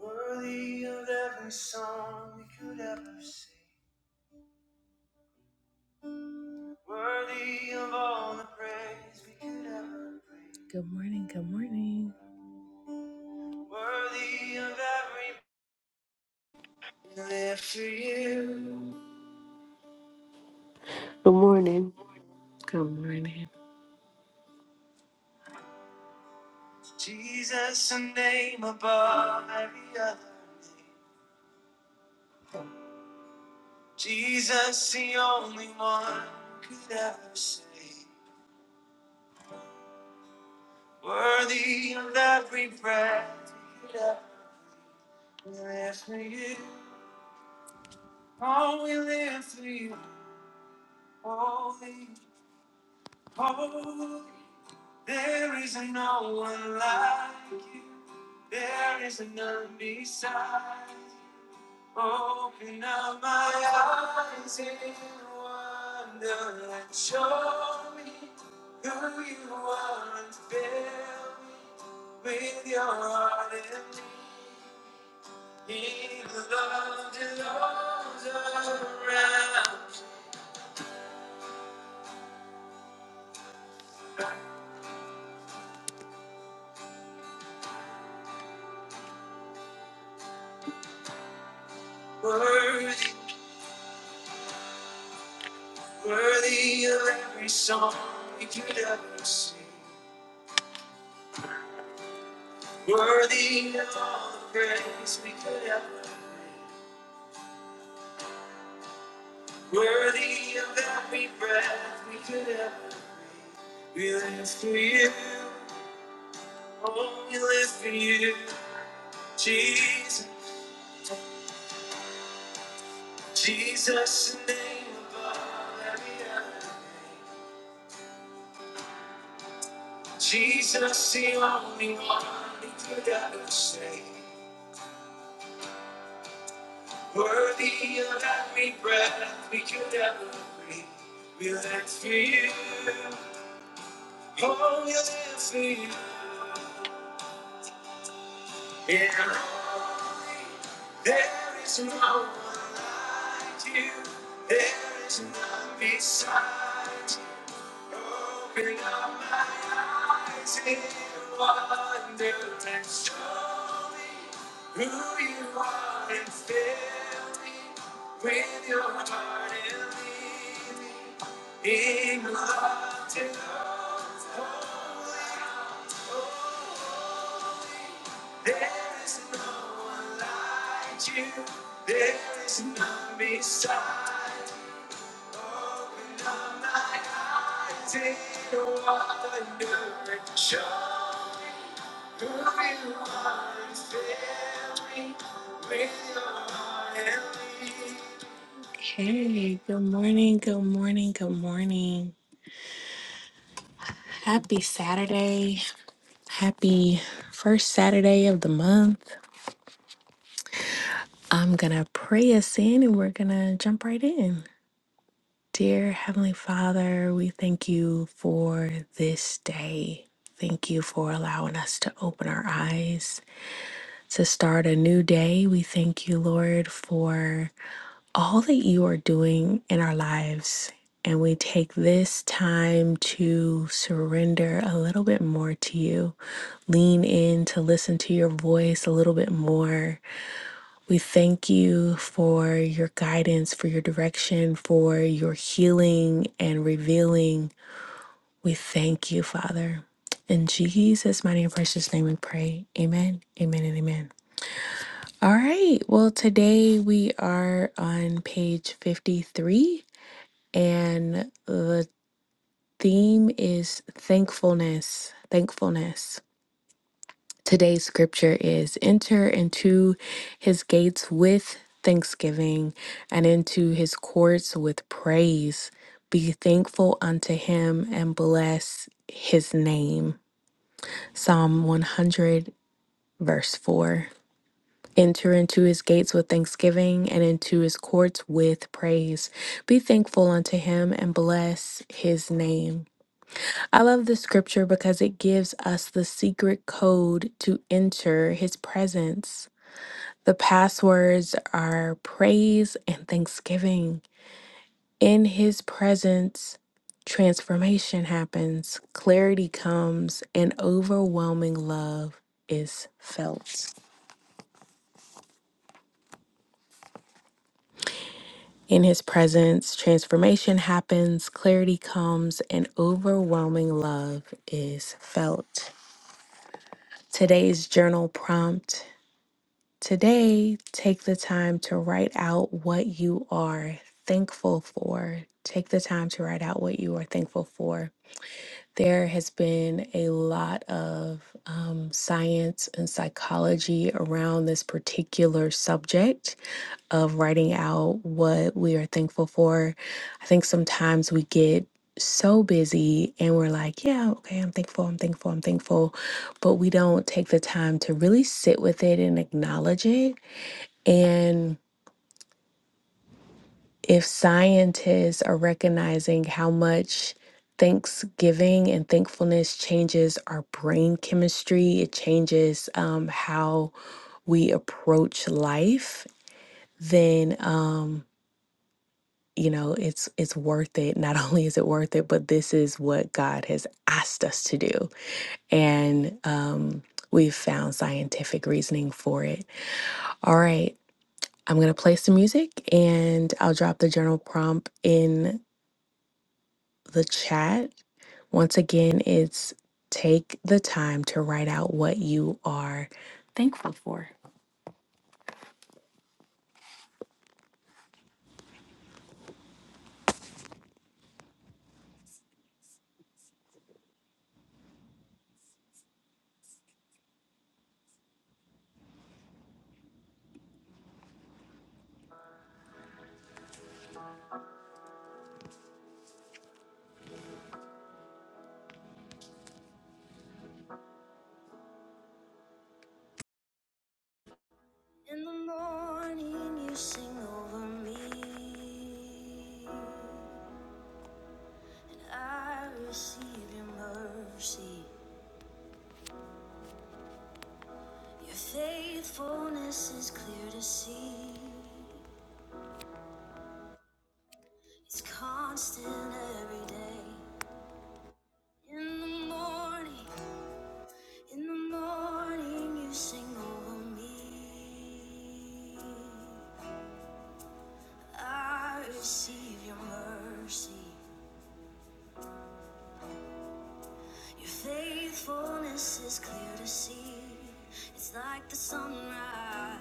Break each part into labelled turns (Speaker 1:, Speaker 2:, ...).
Speaker 1: Worthy of every song we could ever sing. Worthy of all the praise we could ever bring. Good morning, good morning. Worthy of every live for you.
Speaker 2: Good morning.
Speaker 1: Good morning. Jesus, the name above every other name. Jesus, the only one who could ever sing. Worthy of every breath we could ever live for you. All will answer you. Holy, holy. There is no one like you. There is none beside. Open up my eyes in wonder and show me who you are and fill me with your heart and me. He loved us around. Worthy Worthy of every song we could ever sing. Worthy of all the praise we could ever. Worthy of every breath we could ever. We live for you. Oh, we live for you. Jesus, Jesus, the name above every other. Jesus, the only one we could ever sing. Worthy of every breath we could ever breathe. We live for you. Oh, we live for you. Yeah. There is no one like you. There is none beside you. Open up my eyes and wonder and show me. who you are and fill me with your heart and lead me in love to overflow. There is no one like you. There is none beside my dear wonder and show who you are and fill me with your heart and lead me. Hey, good morning, good morning, good morning. Happy Saturday. Happy first Saturday of the month. I'm going to pray us in and we're going to jump right in. Dear Heavenly Father, we thank you for this day. Thank you for allowing us to open our eyes to start a new day. We thank you, Lord, for all that you are doing in our lives. And we take this time to surrender a little bit more to you, lean in to listen to your voice a little bit more. We thank you for your guidance, for your direction, for your healing and revealing. We thank you, Father. In Jesus' mighty and precious name we pray. Amen, amen, and amen. All right. Well, today we are on page 53 and the theme is thankfulness. Thankfulness. Today's scripture is enter into his gates with thanksgiving and into his courts with praise. Be thankful unto him and bless his name. Psalm 100, verse 4. Enter into his gates with thanksgiving and into his courts with praise. Be thankful unto him and bless his name. I love the scripture because it gives us the secret code to enter his presence. The passwords are praise and thanksgiving. In his presence, transformation happens, clarity comes, and overwhelming love is felt. In his presence, transformation happens, clarity comes, and overwhelming love is felt. Today's journal prompt Today, take the time to write out what you are thankful for. Take the time to write out what you are thankful for. There has been a lot of um, science and psychology around this particular subject of writing out what we are thankful for. I think sometimes we get so busy and we're like, yeah, okay, I'm thankful, I'm thankful, I'm thankful, but we don't take the time to really sit with it and acknowledge it and if scientists are recognizing how much Thanksgiving and thankfulness changes our brain chemistry, it changes um, how we approach life, then um, you know it's it's worth it. Not only is it worth it, but this is what God has asked us to do, and um, we've found scientific reasoning for it. All right, I'm gonna play some music, and I'll drop the journal prompt in the chat. Once again, it's take the time to write out what you are thankful for. In the morning, you sing over me. I receive your mercy. Your faithfulness is clear to see. It's constant every day. In the morning, in the morning, you sing over me. I receive your mercy. Your faithfulness is clear to see. It's like the sunrise,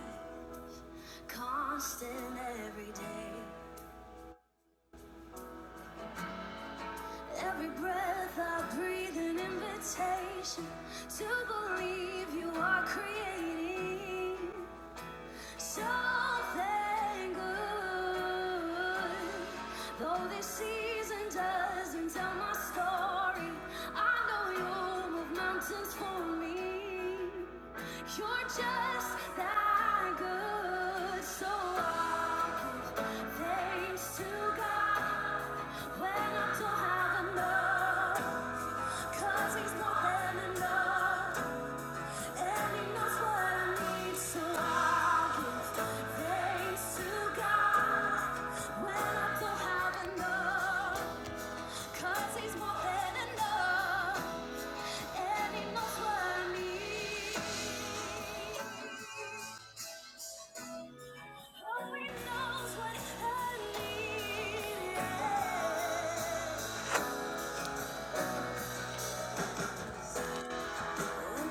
Speaker 1: constant every day. Every breath I breathe, an invitation to believe you are creating. Something good. Though this season doesn't tell my story, I know you move mountains for me. You're just that good. So I give thanks to God when I don't have enough, 'cause He's more than enough.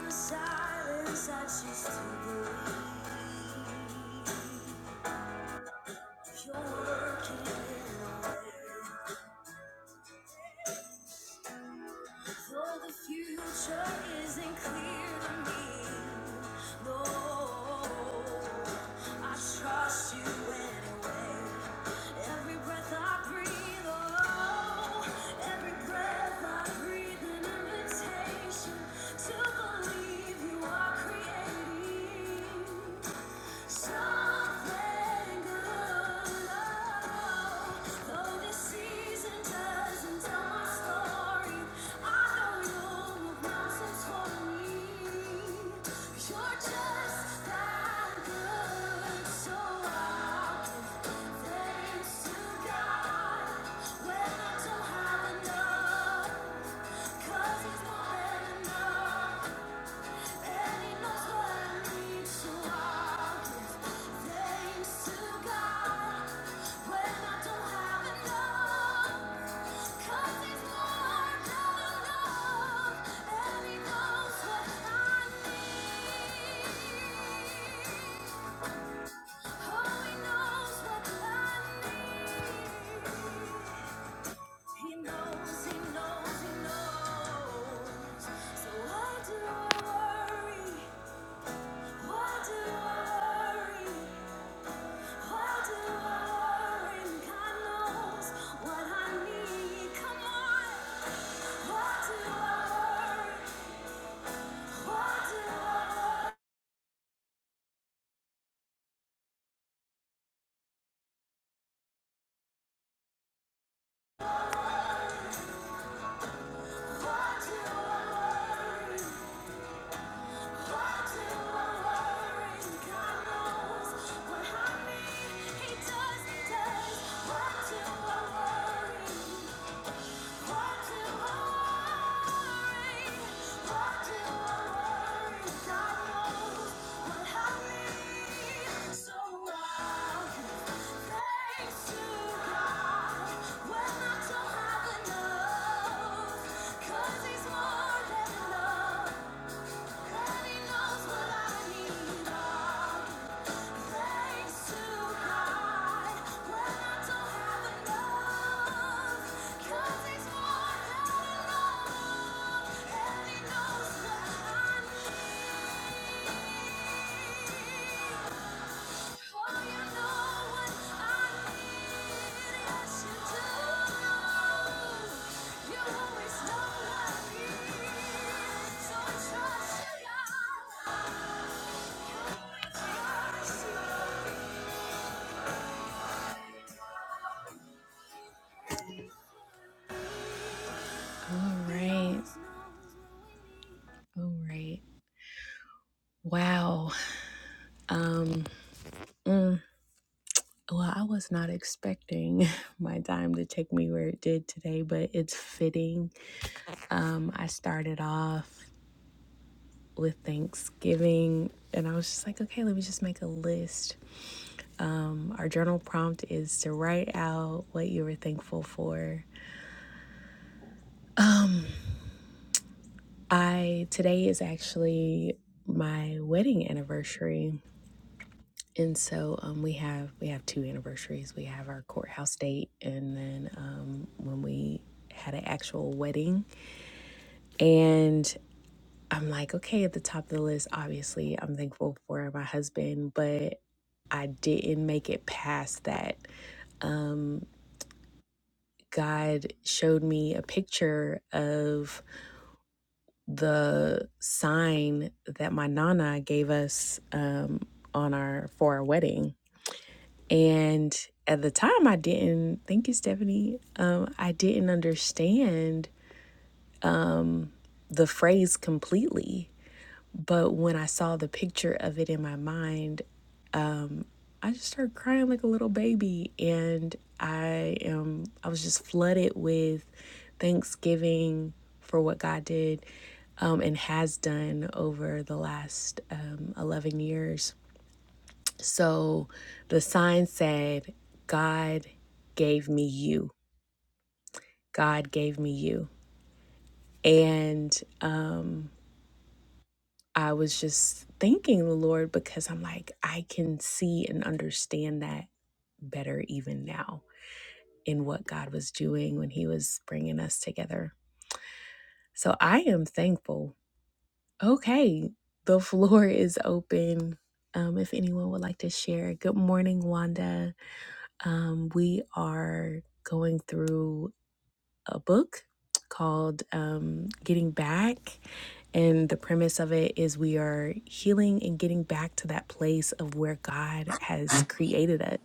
Speaker 1: Silence, I choose to believe you're working in a way. For the future isn't clear to me. No, I trust you anyway. Every breath I breathe, oh, every breath I breathe, an invitation to believe you are creating. Something good, oh, though this season doesn't tell my story, I know you'll move mountains for me. 'Cause You're just that good, so I'll give thanks to God when I don't have enough, 'cause He's more than enough. He knows, he knows, he knows. So why do I worry? What to worry? He's more than enough, and he knows what I need. Trust you. All right. All right. Wow. Um mm, well, I was not expecting my dime to take me where it did today, but it's fitting. Um I started off with Thanksgiving and I was just like, okay, let me just make a list. Um, Our journal prompt is to write out what you were thankful for. Um I today is actually my wedding anniversary and so um, we have we have two anniversaries. We have our courthouse date, and then um, when we had an actual wedding. And I'm like, okay, at the top of the list, obviously, I'm thankful for my husband, but I didn't make it past that. Um, God showed me a picture of the sign that my nana gave us um, on our for our wedding And at the time, I didn't, thank you, Stephanie, um, I didn't understand the phrase completely. But when I saw the picture of it in my mind, I just started crying like a little baby. And I am, I was just flooded with thanksgiving for what God did um, and has done over the last um, 11 years. So the sign said, God gave me you. God gave me you. And um, I was just thanking the Lord because I'm like, I can see and understand that better even now in what God was doing when He was bringing us together. So I am thankful. Okay, the floor is open. Um, if anyone would like to share, good morning, Wanda. Um, we are going through a book called um, Getting Back. And the premise of it is we are healing and getting back to that place of where God has created us.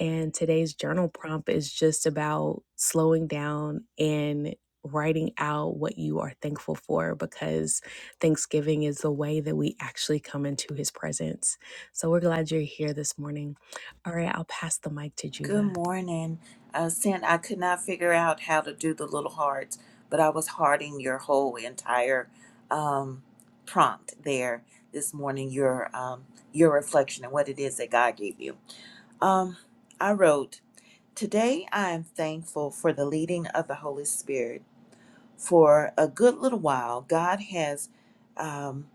Speaker 1: And today's journal prompt is just about slowing down and writing out what you are thankful for because Thanksgiving is the way that we actually come into his presence. So we're glad you're here this morning. All right, I'll pass the mic to
Speaker 3: Good
Speaker 1: Juva.
Speaker 3: morning. Uh, Sin, I could not figure out how to do the little hearts, but I was hearting your whole entire um, prompt there this morning, your, um, your reflection and what it is that God gave you. Um, I wrote, Today I am thankful for the leading of the Holy Spirit. For a good little while, God has um,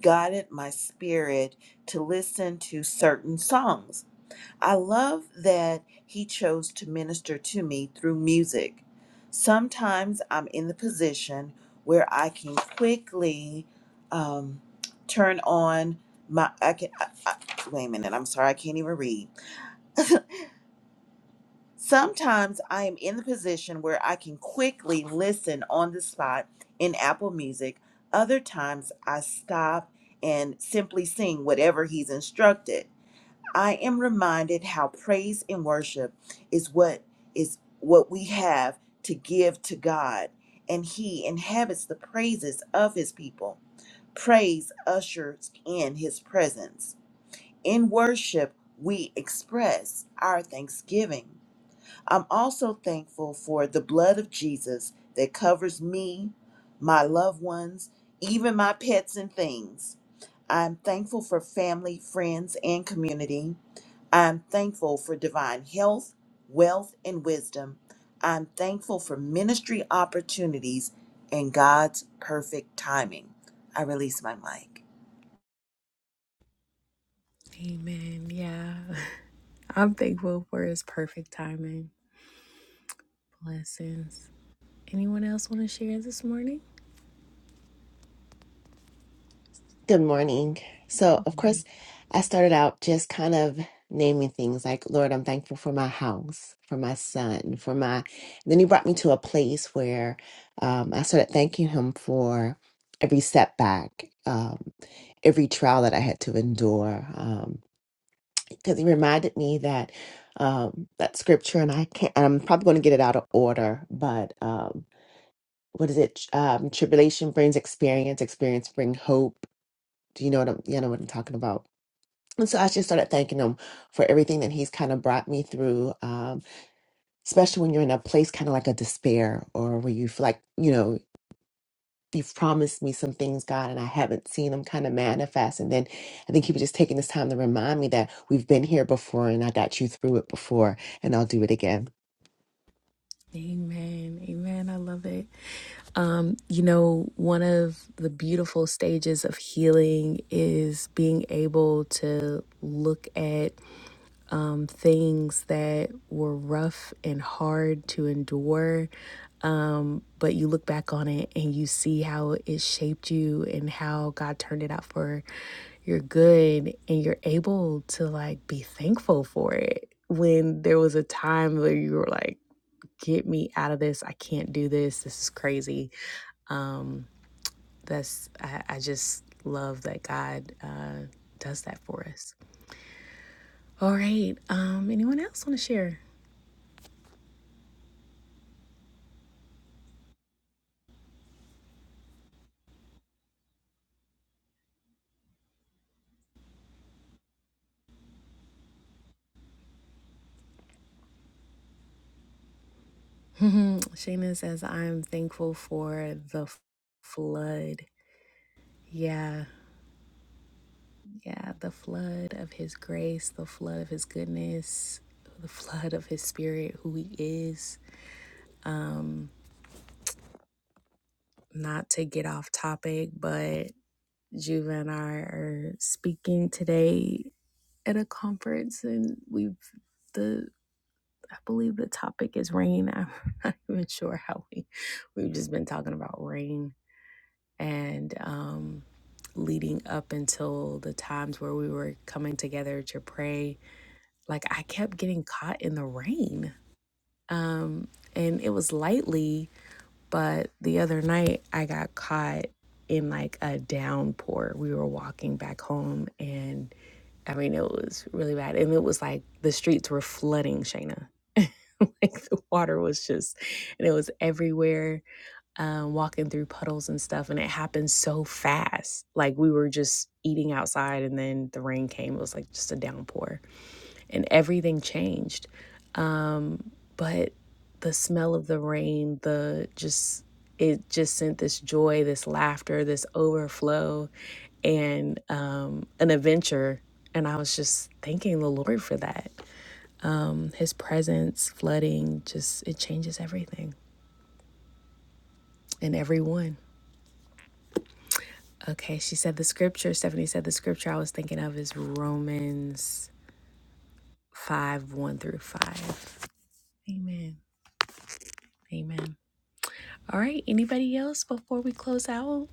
Speaker 3: guided my spirit to listen to certain songs I love that he chose to minister to me through music. Sometimes I'm in the position where I can quickly um, turn on my. I can. I, I, wait a minute. I'm sorry. I can't even read. Sometimes I am in the position where I can quickly listen on the spot in Apple Music. Other times I stop and simply sing whatever he's instructed. I am reminded how praise and worship is what is what we have to give to God, and he inhabits the praises of his people. Praise ushers in his presence. In worship, we express our thanksgiving. I'm also thankful for the blood of Jesus that covers me, my loved ones, even my pets and things. I'm thankful for family, friends, and community. I'm thankful for divine health, wealth, and wisdom. I'm thankful for ministry opportunities and God's perfect timing. I release my mic.
Speaker 1: Amen. Yeah. I'm thankful for his perfect timing. Blessings. Anyone else want to share this morning?
Speaker 4: Good morning. So, of course, I started out just kind of naming things like, Lord, I'm thankful for my house, for my son, for my. Then he brought me to a place where um, I started thanking him for every setback, um, every trial that I had to endure. Um, because he reminded me that um, that scripture, and I can't, and I'm probably going to get it out of order, but um, what is it? Um, tribulation brings experience, experience brings hope do you know what I'm, you know what I'm talking about? And so I just started thanking him for everything that he's kind of brought me through, um, especially when you're in a place kind of like a despair or where you feel like, you know, you've promised me some things, God, and I haven't seen them kind of manifest. And then I think he was just taking this time to remind me that we've been here before and I got you through it before and I'll do it again.
Speaker 1: Amen. Amen. I love it. Um, you know, one of the beautiful stages of healing is being able to look at um, things that were rough and hard to endure. Um, but you look back on it and you see how it shaped you and how God turned it out for your good. And you're able to like be thankful for it when there was a time where you were like, get me out of this. I can't do this. This is crazy um that's I, I just love that god uh does that for us all right um anyone else want to share Shayna says, I'm thankful for the flood. Yeah, yeah, the flood of his grace, the flood of his goodness, the flood of his spirit, who he is. Um, not to get off topic, but Juva and I are speaking today at a conference, and we've the I believe the topic is rain. I'm not even sure how we we've just been talking about rain and um, leading up until the times where we were coming together to pray, like I kept getting caught in the rain. Um, and it was lightly, but the other night I got caught in like a downpour. We were walking back home and I mean, it was really bad. And it was like the streets were flooding, Shayna. like the water was just and it was everywhere um, walking through puddles and stuff and it happened so fast like we were just eating outside and then the rain came it was like just a downpour and everything changed um, but the smell of the rain the just it just sent this joy this laughter this overflow and um, an adventure and i was just thanking the lord for that um, his presence, flooding, just it changes everything and everyone. Okay, she said the scripture, Stephanie said the scripture I was thinking of is Romans 5 1 through 5. Amen. Amen. All right, anybody else before we close out?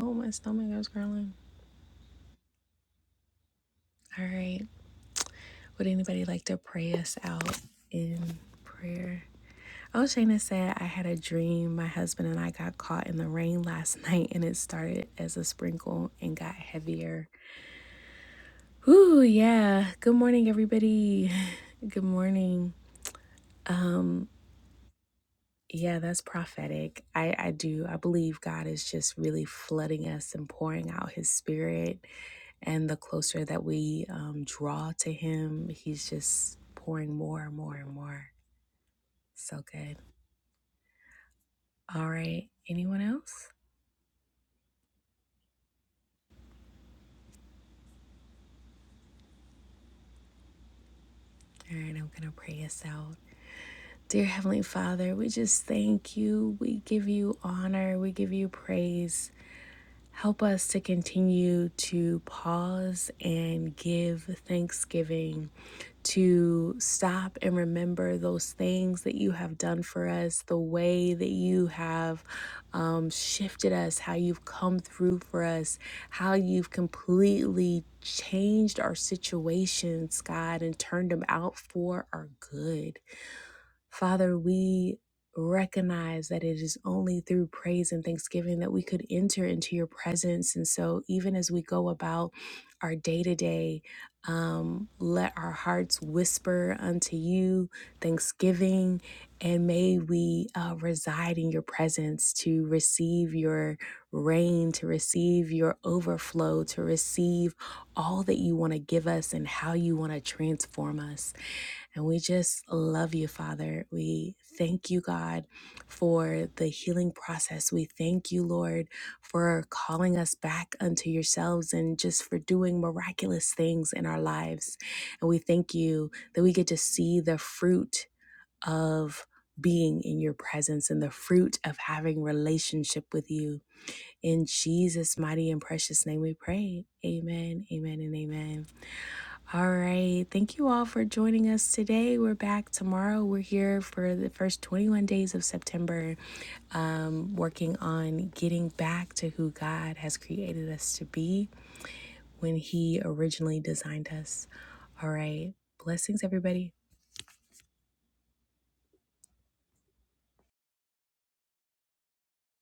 Speaker 1: Oh, my stomach is growling. All right, would anybody like to pray us out in prayer? Oh, Shayna said, I had a dream. My husband and I got caught in the rain last night and it started as a sprinkle and got heavier. Ooh, yeah. Good morning, everybody. Good morning. Um, yeah, that's prophetic. I, I do. I believe God is just really flooding us and pouring out his spirit. And the closer that we um, draw to him, he's just pouring more and more and more. So good. All right. Anyone else? All right. I'm going to pray us out. Dear Heavenly Father, we just thank you. We give you honor. We give you praise. Help us to continue to pause and give thanksgiving, to stop and remember those things that you have done for us, the way that you have um, shifted us, how you've come through for us, how you've completely changed our situations, God, and turned them out for our good. Father, we recognize that it is only through praise and thanksgiving that we could enter into your presence. And so, even as we go about our day to day, let our hearts whisper unto you thanksgiving, and may we uh, reside in your presence to receive your rain, to receive your overflow, to receive all that you want to give us and how you want to transform us. And we just love you, Father. We thank you, God, for the healing process. We thank you, Lord, for calling us back unto yourselves and just for doing miraculous things in our lives. And we thank you that we get to see the fruit of being in your presence and the fruit of having relationship with you. In Jesus' mighty and precious name we pray. Amen, amen, and amen. All right. Thank you all for joining us today. We're back tomorrow. We're here for the first 21 days of September, um, working on getting back to who God has created us to be when He originally designed us. All right. Blessings, everybody.